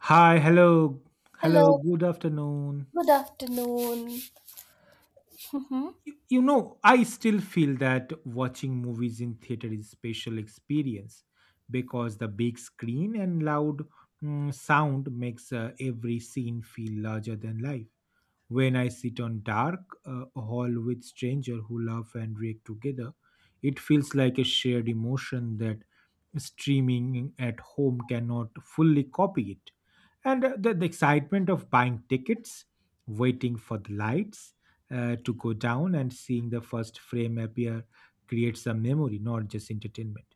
Hi, hello, hello, Hello, good afternoon. good afternoon. Mhm. You know I still feel that watching movies in theater is special experience because the big screen and loud sound makes every scene feel larger than life when I sit on dark hall with stranger who laugh and react together. It feels like a shared emotion that streaming at home cannot fully copy it. And the excitement of buying tickets, waiting for the lights to go down and seeing the first frame appear creates a memory, not just entertainment.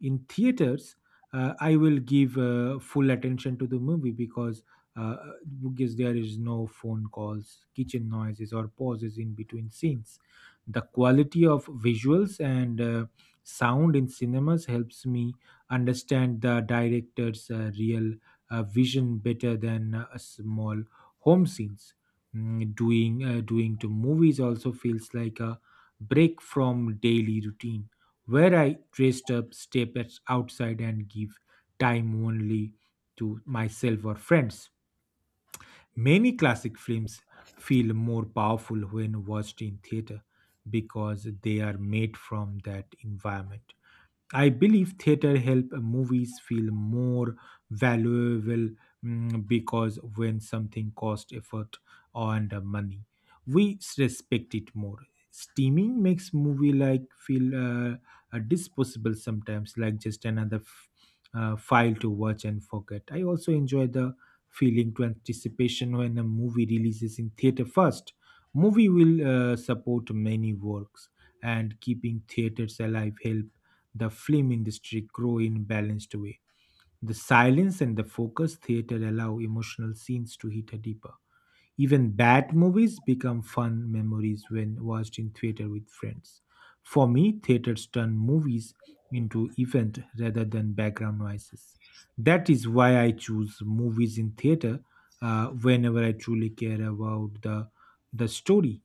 In theaters, I will give full attention to the movie uh, because there is no phone calls, kitchen noises or pauses in between scenes. The quality of visuals and sound in cinemas helps me understand the director's real vision better than a small home scenes. Doing to movies also feels like a break from daily routine where I dressed up, step at- outside, and give time only to myself or friends. Many classic films feel more powerful when watched in theater because they are made from that environment. I believe theater help movies feel more valuable because when something costs effort and money, we respect it more. Steaming makes movie like feel disposable sometimes, like just another file to watch and forget. I also enjoy the feeling to anticipation when a movie releases in theater first. Movie will support many works, and keeping theaters alive help the film industry grow in balanced way. The silence and the focus theater allow emotional scenes to hit a deeper. Even bad movies become fun memories when watched in theater with friends. For me, theaters turn movies into event rather than background noises. That is why I choose movies in theater whenever I truly care about the story.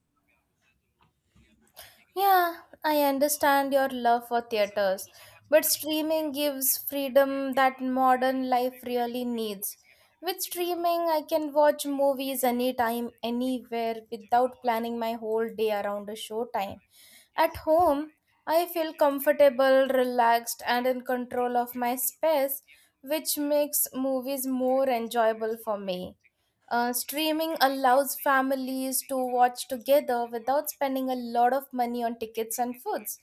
Yeah, I understand your love for theaters, but streaming gives freedom that modern life really needs. With streaming, I can watch movies anytime, anywhere without planning my whole day around a showtime. At home, I feel comfortable, relaxed, and in control of my space, which makes movies more enjoyable for me. Streaming allows families to watch together without spending a lot of money on tickets and foods.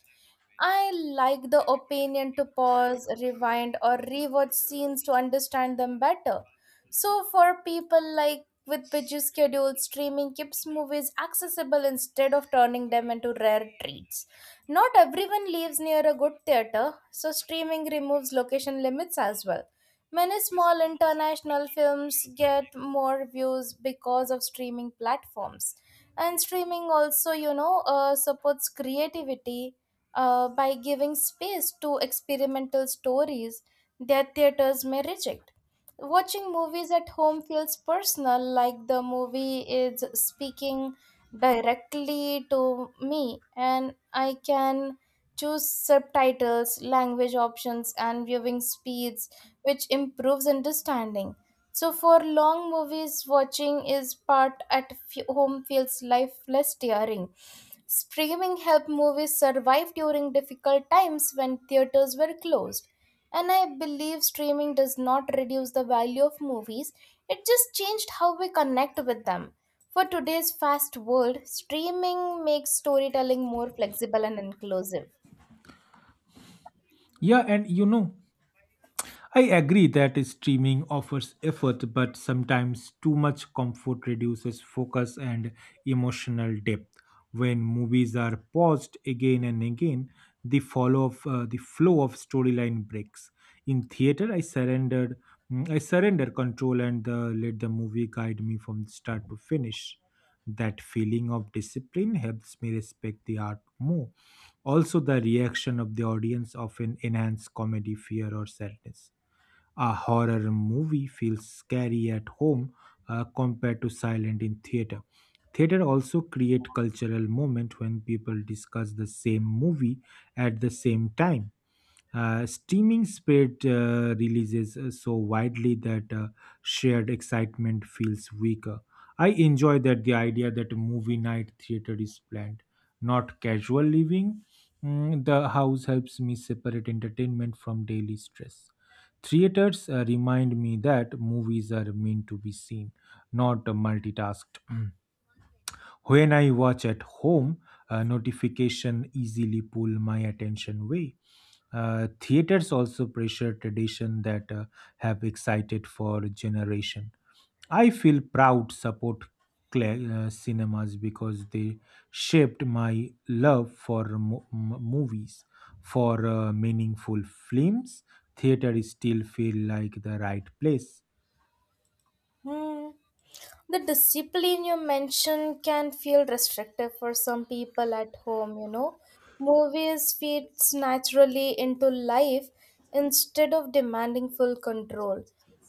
I like the opinion to pause, rewind, or rewatch scenes to understand them better. So, for people like with busy schedules, streaming keeps movies accessible instead of turning them into rare treats. Not everyone lives near a good theater, so streaming removes location limits as well. Many small international films get more views because of streaming platforms. And streaming also, you know, supports creativity by giving space to experimental stories that theaters may reject. Watching movies at home feels personal, like the movie is speaking directly to me, and I can choose subtitles, language options, and viewing speeds which improves understanding. So, for long movies, watching is part at home feels lifeless tiring. Streaming helped movies survive during difficult times when theaters were closed. And I believe streaming does not reduce the value of movies, it just changed how we connect with them. For today's fast world, streaming makes storytelling more flexible and inclusive. Yeah, and you know, I agree that streaming offers effort, but sometimes too much comfort reduces focus and emotional depth. When movies are paused again and again, the follow of the flow of storyline breaks. In theater, I surrender control and let the movie guide me from start to finish. That feeling of discipline helps me respect the art more. Also, the reaction of the audience often enhance comedy, fear, or sadness. A horror movie feels scary at home compared to silent in theater. Theater also create cultural moment when people discuss the same movie at the same time. Streaming spread releases so widely that shared excitement feels weaker. I enjoy that the idea that a movie night theater is planned, not casual living. The house helps me separate entertainment from daily stress. Theaters remind me that movies are meant to be seen, not multitasked. When I watch at home, notification easily pull my attention away. Theaters also pressure tradition that have excited for generation. I feel proud support cinemas because they shaped my love for movies. For meaningful films, theater still feel like the right place. Hmm. The discipline you mentioned can feel restrictive for some people at home, you know. Movies feeds naturally into life instead of demanding full control.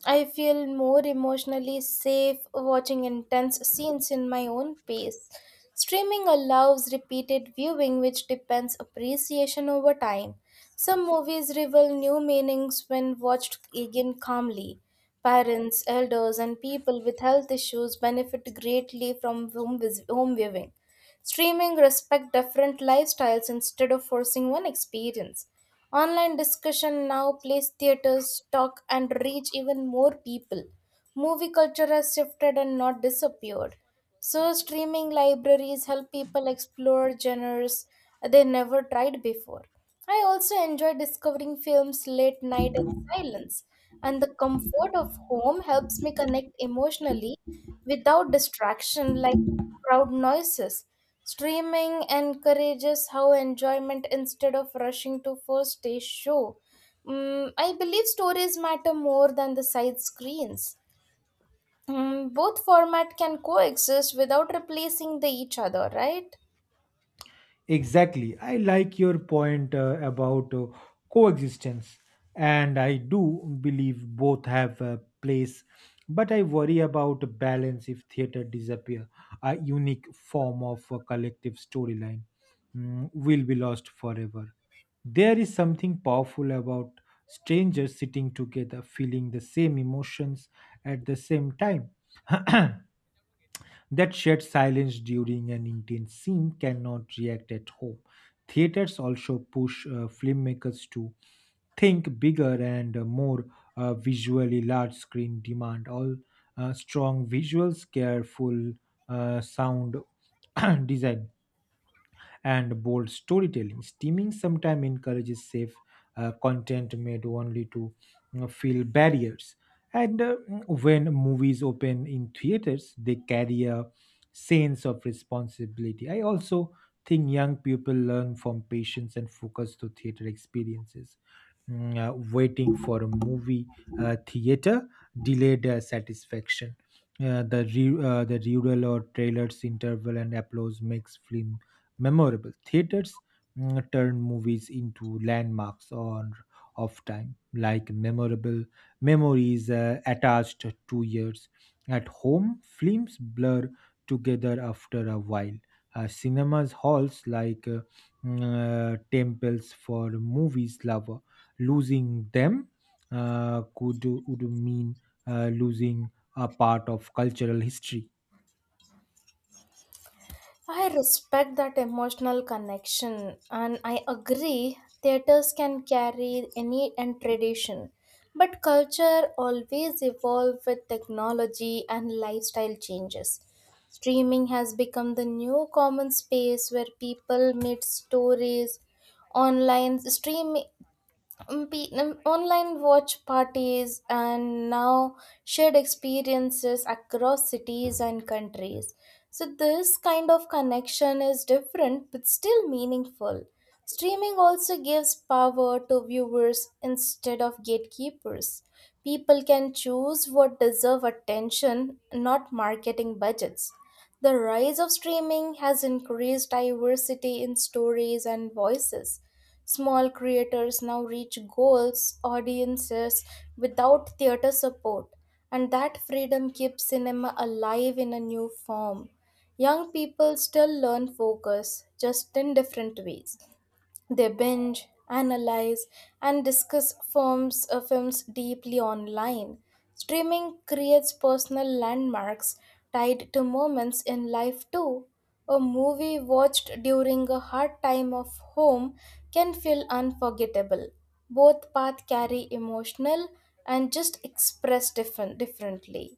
I feel more emotionally safe watching intense scenes in my own pace. Streaming allows repeated viewing, which depends appreciation over time. Some movies reveal new meanings when watched again calmly. Parents, elders, and people with health issues benefit greatly from home, home viewing. Streaming respect different lifestyles instead of forcing one experience. Online discussion now plays theaters, talk, and reach even more people. Movie culture has shifted and not disappeared. So, streaming libraries help people explore genres they never tried before. I also enjoy discovering films late night in silence, and the comfort of home helps me connect emotionally without distraction like crowd noises. Streaming encourages how enjoyment instead of rushing to first day show. I believe stories matter more than the side screens. Both format can coexist without replacing the each other, right? Exactly. I like your point about coexistence, and I do believe both have a place. But I worry about balance if theater disappear. A unique form of a collective storyline will be lost forever. There is something powerful about strangers sitting together, feeling the same emotions at the same time. That shared silence during an intense scene cannot react at home. Theaters also push filmmakers to think bigger and more visually large screen demand all strong visuals careful sound design and bold storytelling. Streaming sometimes encourages safe content made only to fill barriers. And when movies open in theaters, they carry a sense of responsibility. I also think young people learn from patience and focus to theater experiences. Waiting for a movie theater delayed satisfaction. The rural or trailers interval and applause makes film memorable. Theaters turned movies into landmarks on of time, like memorable memories attached to years. At home, films blur together after a while. Cinemas halls like mm, temples for movies lover. Losing them could would mean losing a part of cultural history. I respect that emotional connection and I agree theaters can carry any and tradition but culture always evolves with technology and lifestyle changes. Streaming has become the new common space where people meet stories online stream online watch parties and now shared experiences across cities and countries. So, this kind of connection is different but still meaningful. Streaming also gives power to viewers instead of gatekeepers. People can choose what deserve attention, not marketing budgets. The rise of streaming has increased diversity in stories and voices. Small creators now reach goals, audiences without theater support, and that freedom keeps cinema alive in a new form. Young people still learn focus, just in different ways. They binge, analyze, and discuss films deeply online. Streaming creates personal landmarks tied to moments in life, too. A movie watched during a hard time of home can feel unforgettable. Both paths carry emotional and just express different, differently.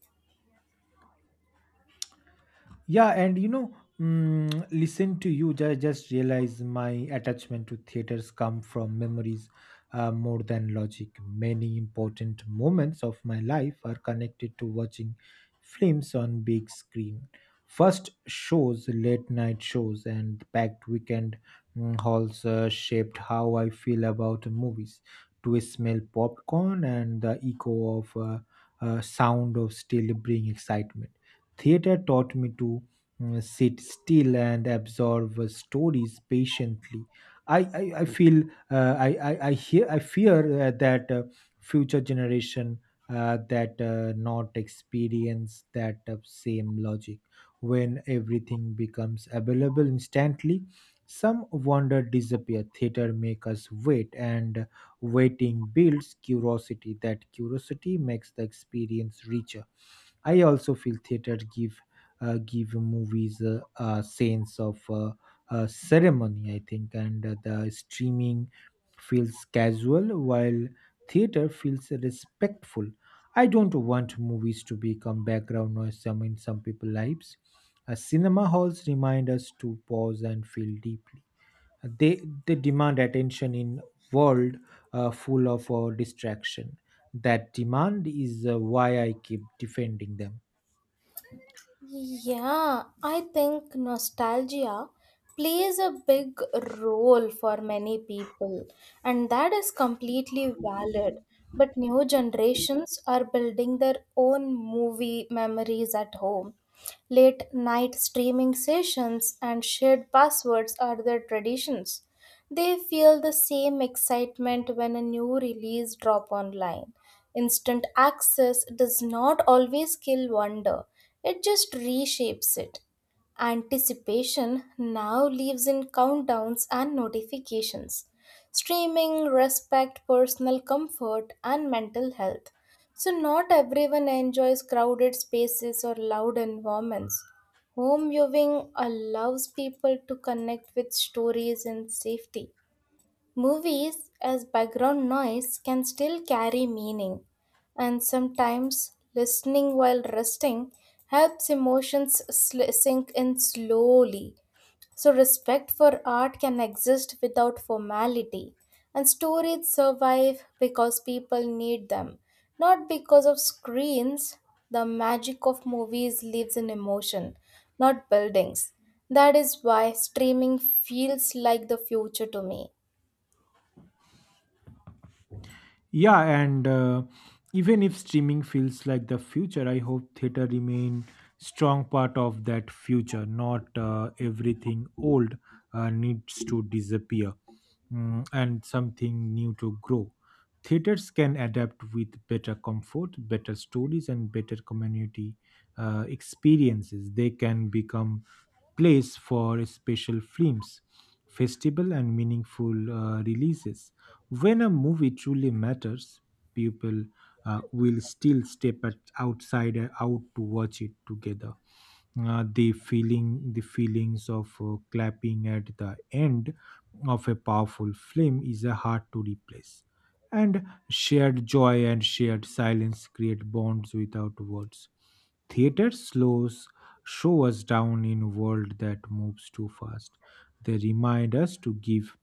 Yeah, and you know, listen to you. I just realize my attachment to theaters come from memories more than logic. Many important moments of my life are connected to watching films on big screen. First shows, late night shows, and packed weekend halls shaped how I feel about movies. To smell popcorn and the echo of sound of still bring excitement. Theater taught me to sit still and absorb stories patiently. I feel I hear I fear that future generation that not experience that same logic when everything becomes available instantly. Some wonder disappear. Theater make us wait, and waiting builds curiosity. That curiosity makes the experience richer. I also feel theater give give movies a sense of ceremony, I think. And the streaming feels casual, while theater feels respectful. I don't want movies to become background noise in some people's lives. Cinema halls remind us to pause and feel deeply. They they demand attention in world full of distraction. That demand is why I keep defending them. Yeah, I think nostalgia plays a big role for many people, and that is completely valid. But new generations are building their own movie memories at home. Late night streaming sessions and shared passwords are their traditions. They feel the same excitement when a new release drop online. Instant access does not always kill wonder. It just reshapes it. Anticipation now lives in countdowns and notifications. Streaming respect personal comfort and mental health. So not everyone enjoys crowded spaces or loud environments. Home viewing allows people to connect with stories in safety. Movies, as background noise, can still carry meaning, and sometimes listening while resting helps emotions sink in slowly. So, respect for art can exist without formality, and stories survive because people need them, not because of screens. The magic of movies lives in emotion, not buildings. That is why streaming feels like the future to me. Yeah, and even if streaming feels like the future, I hope theater remain strong part of that future. Not everything old needs to disappear, and something new to grow. Theaters can adapt with better comfort, better stories, and better community experiences. They can become place for special films, festival, and meaningful releases. When a movie truly matters, people will still step at outside out to watch it together. The feelings of clapping at the end of a powerful film is hard to replace. And shared joy and shared silence create bonds without words. Theater slows Show us down in a world that moves too fast. They remind us to give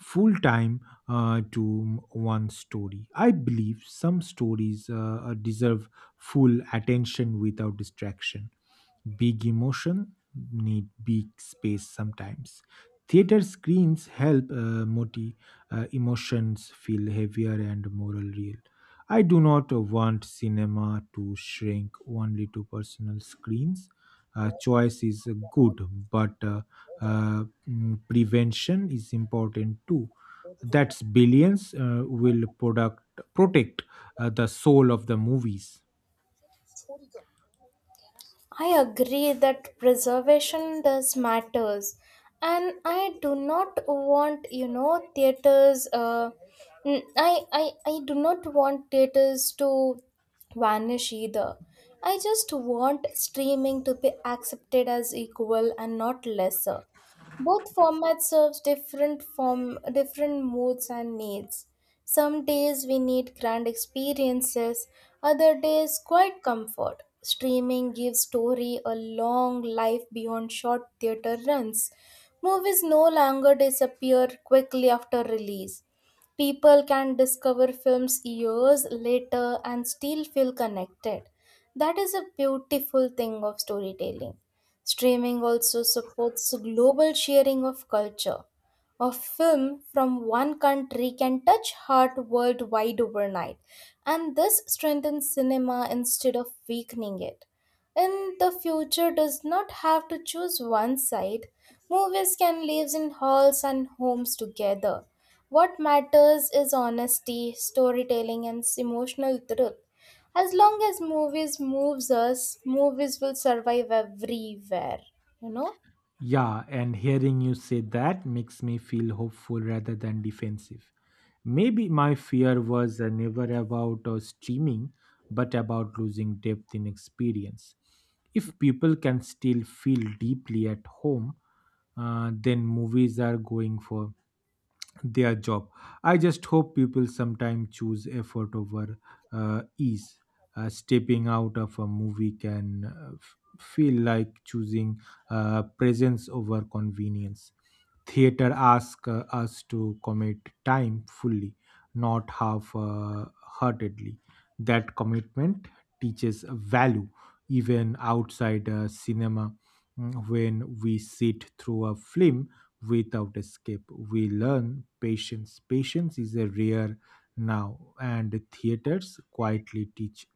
full time to one story. I believe some stories deserve full attention without distraction. Big emotion need big space sometimes. Theater screens help emotions feel heavier and more real. I do not want cinema to shrink only to personal screens. Choice is good, but prevention is important too. That's billions will product Protect the soul of the movies. I agree that preservation does matters, and I do not want you know theaters. I do not want theaters to vanish either. I just want streaming to be accepted as equal and not lesser. Both formats serves different form different moods and needs. Some days we need grand experiences, other days quiet comfort. Streaming gives story a long life beyond short theater runs. Movies no longer disappear quickly after release. People can discover films years later and still feel connected. That is a beautiful thing of storytelling. Streaming also supports global sharing of culture. A film from one country can touch heart worldwide overnight, and this strengthens cinema instead of weakening it. And the future does not have to choose one side. Movies can live in halls and homes together. What matters is honesty, storytelling, and emotional truth. As long as movies moves us, movies will survive everywhere. You know. Yeah, and hearing you say that makes me feel hopeful rather than defensive. Maybe my fear was never about streaming, but about losing depth in experience. If people can still feel deeply at home, then movies are going for their job. I just hope people sometimes choose effort over ease. Stepping out of a movie can feel like choosing presence over convenience. Theater asks us to commit time fully, not half heartedly. That commitment teaches value even outside cinema. When we sit through a film without escape, we learn patience. Patience is a rare now, and theaters quietly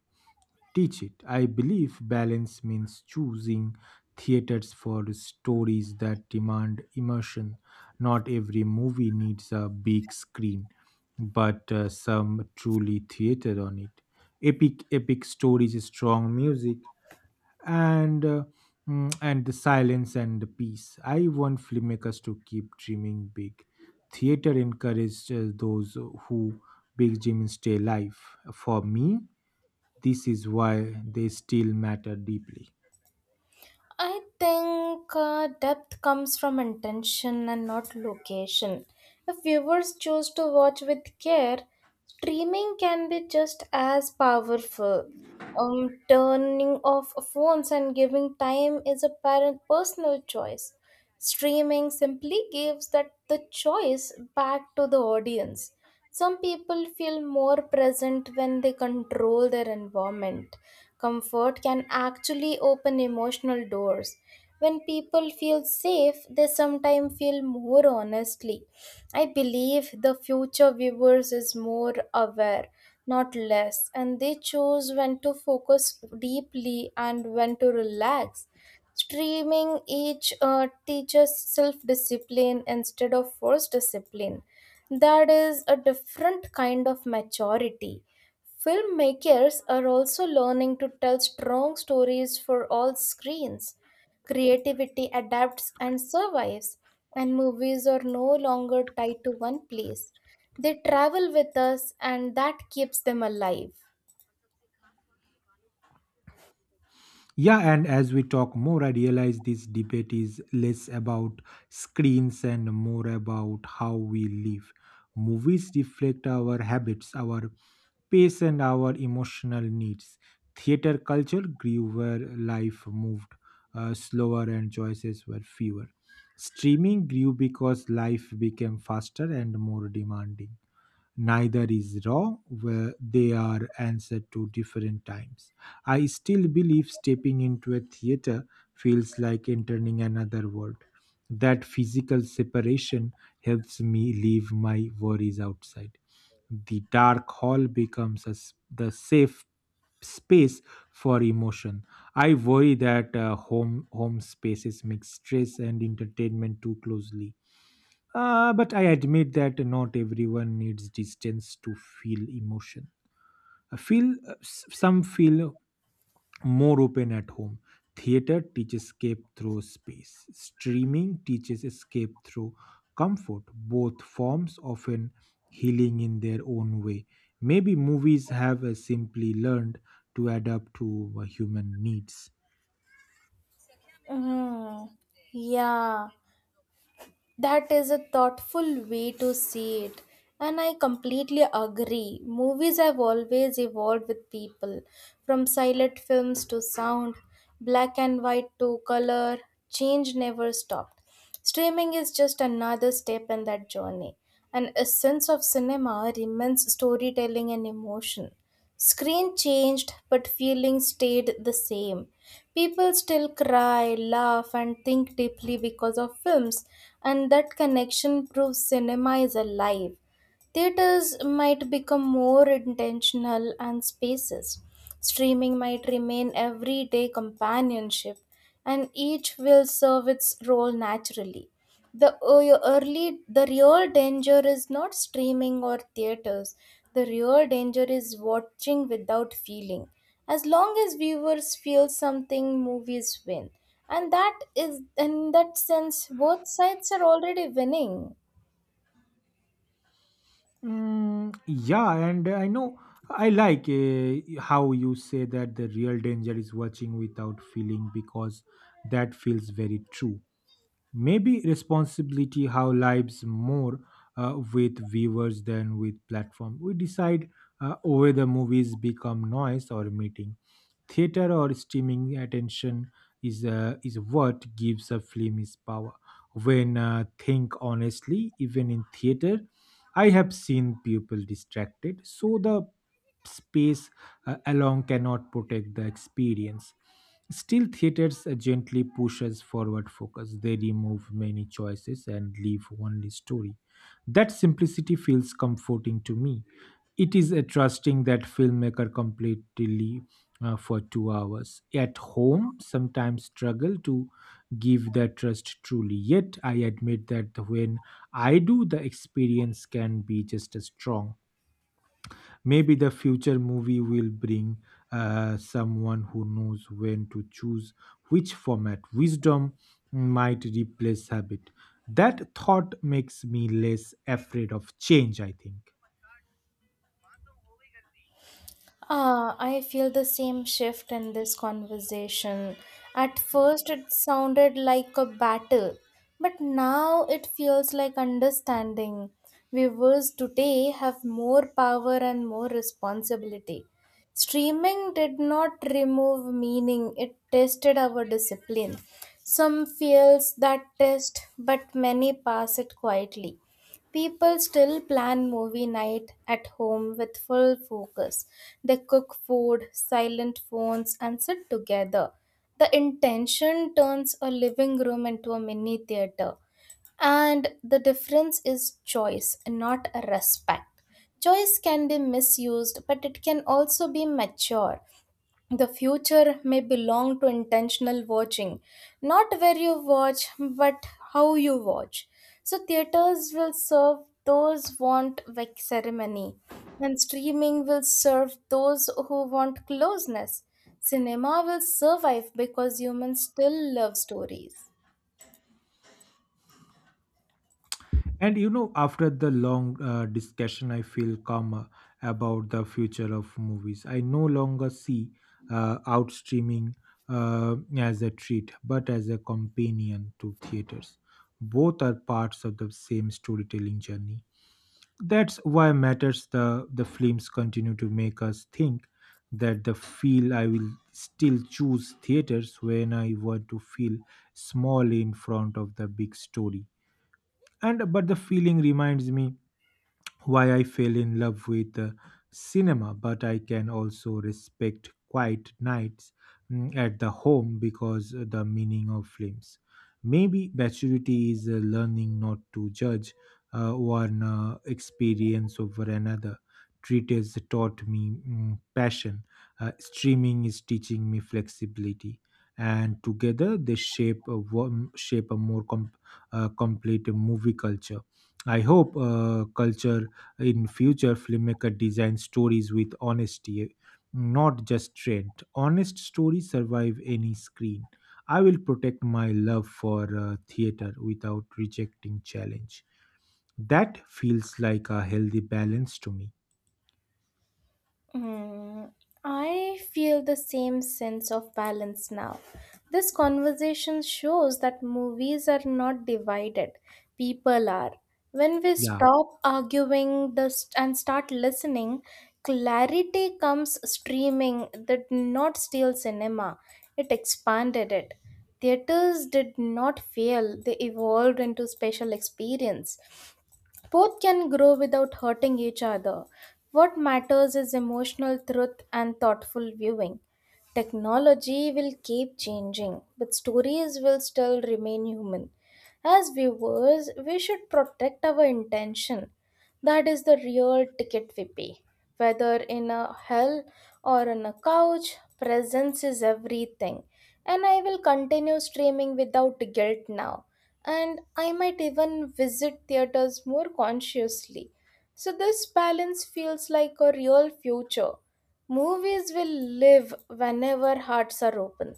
teach it. I believe balance means choosing theaters for stories that demand immersion. Not every movie needs a big screen, but some truly theater on it. Epic stories, strong music, and uh, and the silence and the peace. I want filmmakers to keep dreaming big. Theater encourages those who big dreams stay alive. For me, this is why they still matter deeply. I think depth comes from intention and not location. If viewers choose to watch with care, streaming can be just as powerful. Turning off phones and giving time is a parent personal choice. Streaming simply gives that the choice back to the audience. Some people feel more present when they control their environment. Comfort can actually open emotional doors. When people feel safe, they sometimes feel more honestly. I believe the future viewers is more aware, not less, and they choose when to focus deeply and when to relax. Streaming each teaches self discipline instead of forced discipline. That is a different kind of maturity. Filmmakers are also learning to tell strong stories for all screens. Creativity adapts and survives, and movies are no longer tied to one place. They travel with us, and that keeps them alive. Yeah, and as we talk more, I realize this debate is less about screens and more about how we live. Movies reflect our habits, our pace, and our emotional needs. Theater culture grew where life moved slower and choices were fewer. Streaming grew because life became faster and more demanding. Neither is wrong, where they are answered to different times. I still believe stepping into a theater feels like entering another world. That physical separation helps me leave my worries outside. The dark hall becomes a s the safe space for emotion. I worry that home spaces mix stress and entertainment too closely, but I admit that not everyone needs distance to feel emotion. I feel some feel more open at home. Theater teaches escape through space. Streaming teaches escape through comfort. Both forms often healing in their own way. Maybe movies have simply learned to adapt to human needs. Mm, yeah. That is a thoughtful way to see it. And I completely agree. Movies have always evolved with people, from silent films to sound, black and white to color, change never stopped. Streaming is just another step in that journey. And essence of cinema remains storytelling and emotion. Screen changed, but feelings stayed the same. People still cry, laugh, and think deeply because of films, and that connection proves cinema is alive. Theaters might become more intentional and spaces. Streaming might remain everyday companionship and each will serve its role naturally. The early, the real danger is not streaming or theaters. The real danger is watching without feeling. As long as viewers feel something, movies win, and that is in that sense, both sides are already winning. Yeah, and I know I like how you say that the real danger is watching without feeling because that feels very true. Maybe responsibility how lives more with viewers than with platform. We decide whether movies become noise or meeting. Theater or streaming attention is is what gives a film its power. When think honestly, even in theater, I have seen people distracted, so the space alone cannot protect the experience. Still, theaters gently pushes forward focus. They remove many choices and leave only story. That simplicity feels comforting to me. It is a trusting that filmmaker completely for 2 hours. At home, sometimes struggle to give that trust truly. Yet I admit that when I do, the experience can be just as strong. Maybe the future movie will bring someone who knows when to choose which format. Wisdom might replace habit. That thought makes me less afraid of change, I think. I feel the same shift in this conversation. At first, it sounded like a battle, but now it feels like understanding. Viewers today have more power and more responsibility. Streaming did not remove meaning, it tested our discipline. Some feels that test, but many pass it quietly. People still plan movie night at home with full focus. They cook food, silent phones, and sit together. The intention turns a living room into a mini theater. And the difference is choice, not respect. Choice can be misused, but it can also be mature. The future may belong to intentional watching, not where you watch, but how you watch. So, theaters will serve those want like ceremony, and streaming will serve those who want closeness. Cinema will survive because humans still love stories. And you know, after the long discussion, I feel calmer about the future of movies. I no longer see out streaming as a treat, but as a companion to theaters. Both are parts of the same storytelling journey. That's why matters the films continue to make us think that the feel I will still choose theaters when I want to feel small in front of the big story and but the feeling reminds me why I fell in love with the cinema, but I can also respect quiet nights at the home because the meaning of films. Maybe maturity is learning not to judge one experience over another. Treatise taught me passion. Streaming is teaching me flexibility, and together they shape a shape a more complete movie culture. I hope culture in future filmmaker design stories with honesty, not just trend. Honest stories survive any screen. I will protect my love for theater without rejecting challenge. That feels like a healthy balance to me. Hmm, I feel the same sense of balance now. This conversation shows that movies are not divided, people are. When we Yeah, stop arguing the and start listening, clarity comes streaming that not steal cinema, it expanded it. Theaters did not fail, they evolved into special experience. Both can grow without hurting each other. What matters is emotional truth and thoughtful viewing. Technology will keep changing, but stories will still remain human. As viewers, we should protect our intention. That is the real ticket we pay. Whether in a hell or on a couch, presence is everything. And I will continue streaming without guilt now. And I might even visit theaters more consciously. So this balance feels like a real future. Movies will live whenever hearts are open.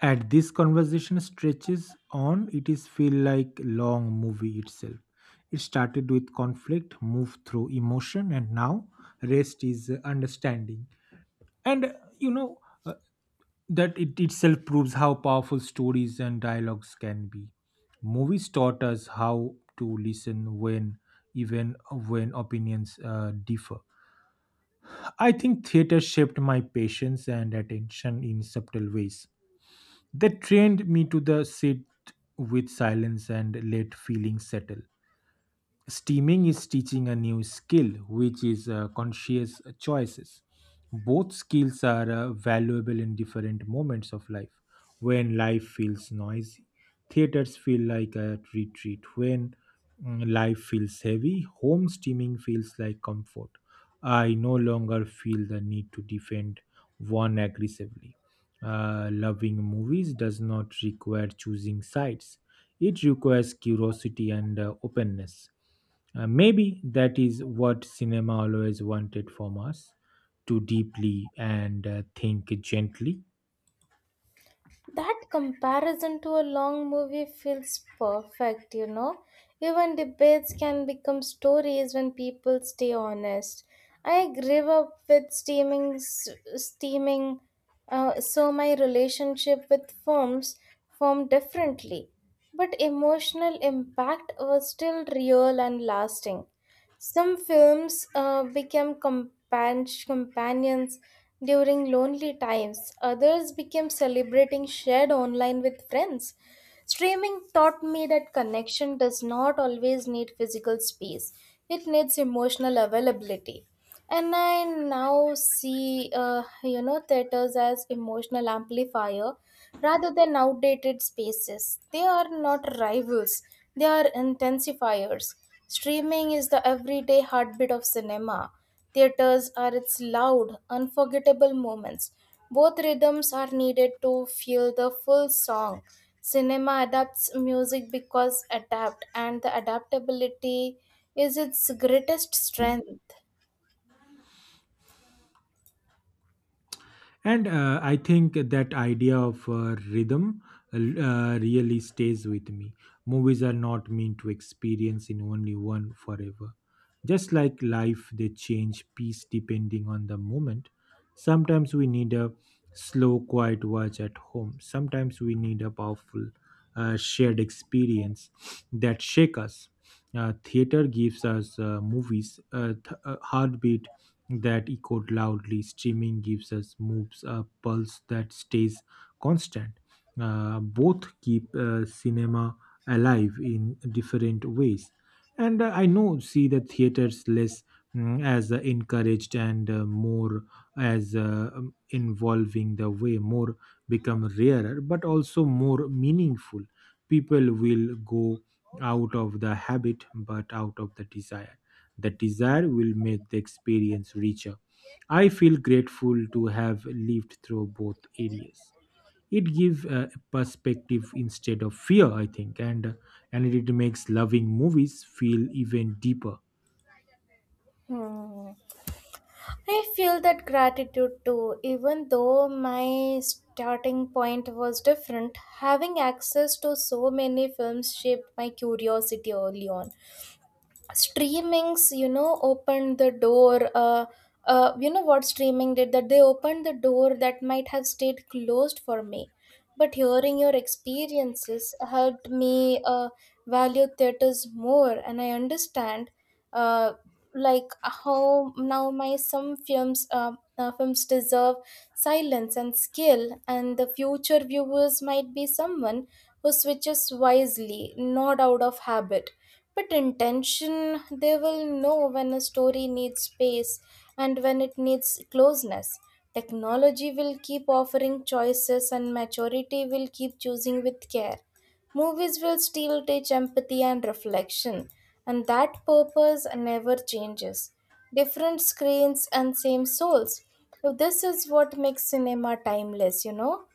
at this conversation stretches on, it is feel like long movie itself. It started with conflict, moved through emotion, and now rest is understanding and you know that it itself proves how powerful stories and dialogues can be. Movies taught us how to listen when, even when opinions differ. I think theater shaped my patience and attention in subtle ways. They trained me to the sit with silence and let feelings settle. Steaming is teaching a new skill, which is conscious choices. Both skills are valuable in different moments of life. When life feels noisy, theaters feel like a retreat. When life feels heavy, home steaming feels like comfort. I no longer feel the need to defend one aggressively. Loving movies does not require choosing sides, it requires curiosity and openness. Maybe that is what cinema always wanted from us, to deeply and think gently. That comparison to a long movie feels perfect, you know. Even debates can become stories when people stay honest. I grew up with steaming, so my relationship with films formed differently. But emotional impact was still real and lasting. Some films became companions during lonely times, others became celebrating shared online with friends. Streaming taught me that connection does not always need physical space, it needs emotional availability. And I now see, you know, theaters as emotional amplifier rather than outdated spaces. They are not rivals, they are intensifiers. Streaming is the everyday heartbeat of cinema. Theaters are its loud, unforgettable moments. Both rhythms are needed to feel the full song. Cinema adapts music because adapt, and the adaptability is its greatest strength. And I think that idea of rhythm really stays with me. Movies are not meant to experience in only one forever. Just like life, they change piece depending on the moment. Sometimes we need a slow, quiet watch at home. Sometimes we need a powerful, shared experience that shake us. Theater gives us movies, heartbeat that echoed loudly. Streaming gives us moves a pulse that stays constant. Both keep cinema alive in different ways. And I know see the theaters less as encouraged and more as involving the way more, become rarer, but also more meaningful. People will go out of the habit, but out of the desire. The desire will make the experience richer. I feel grateful to have lived through both areas. It gives a perspective instead of fear, I think, and it makes loving movies feel even deeper. Hmm. I feel that gratitude too, even though my starting point was different. Having access to so many films shaped my curiosity early on. Streamings you know opened the door, you know what streaming did that they opened the door that might have stayed closed for me but hearing your experiences helped me value theaters more and I understand uh, like how now my some films deserve silence and skill and the future viewers might be someone who switches wisely not out of habit but intention, they will know when a story needs space and when it needs closeness. Technology will keep offering choices and maturity will keep choosing with care. Movies will still teach empathy and reflection, and that purpose never changes. Different screens and same souls. So this is what makes cinema timeless, you know?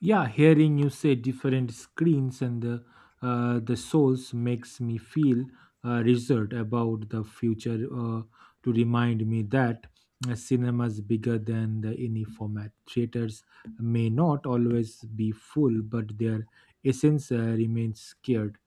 Yeah, hearing you say different screens and the souls makes me feel reserved about the future. To remind me that cinema is bigger than the any format. Theaters may not always be full, but their essence remains scared.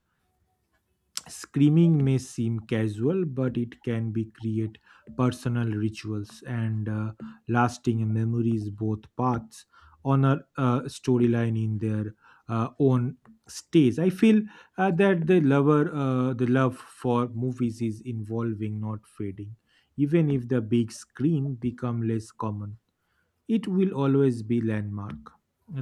Screaming may seem casual, but it can be create personal rituals and lasting memories. Both paths honor storyline in their own stage. I feel that the lover, the love for movies is evolving, not fading. Even if the big screen become less common, it will always be landmark.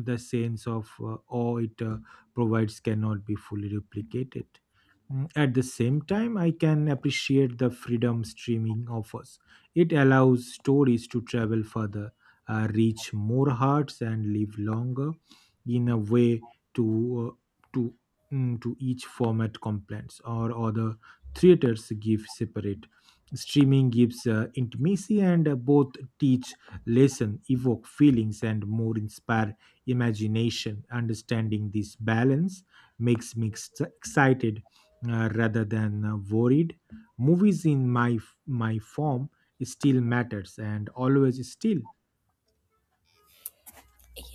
The sense of awe it provides cannot be fully replicated. At the same time, I can appreciate the freedom streaming offers. It allows stories to travel further, reach more hearts, and live longer in a way. to uh, to to each format complaints or other, theaters give separate, streaming gives intimacy, and both teach lesson, evoke feelings, and more inspire imagination. Understanding this balance makes me excited rather than worried. Movies in my form still matters and always still.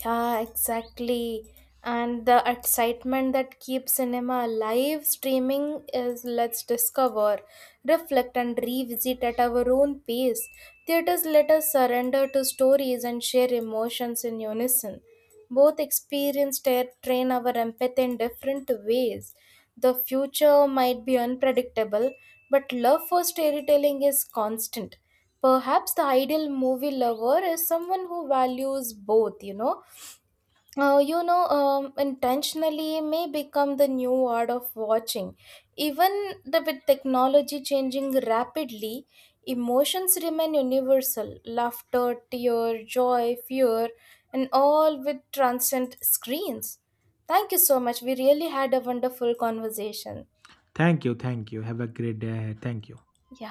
Yeah, exactly. And the excitement that keeps cinema alive streaming is let's discover, reflect, and revisit at our own pace. Theaters let us surrender to stories and share emotions in unison. Both experiences train our empathy in different ways. The future might be unpredictable, but love for storytelling is constant. Perhaps the ideal movie lover is someone who values both, you know, intentionally may become the new word of watching. Even the, with technology changing rapidly, emotions remain universal laughter, tear, joy, fear, and all with transcend screens. Thank you so much. We really had a wonderful conversation. Thank you, thank you. Have a great day. Thank you. Yeah.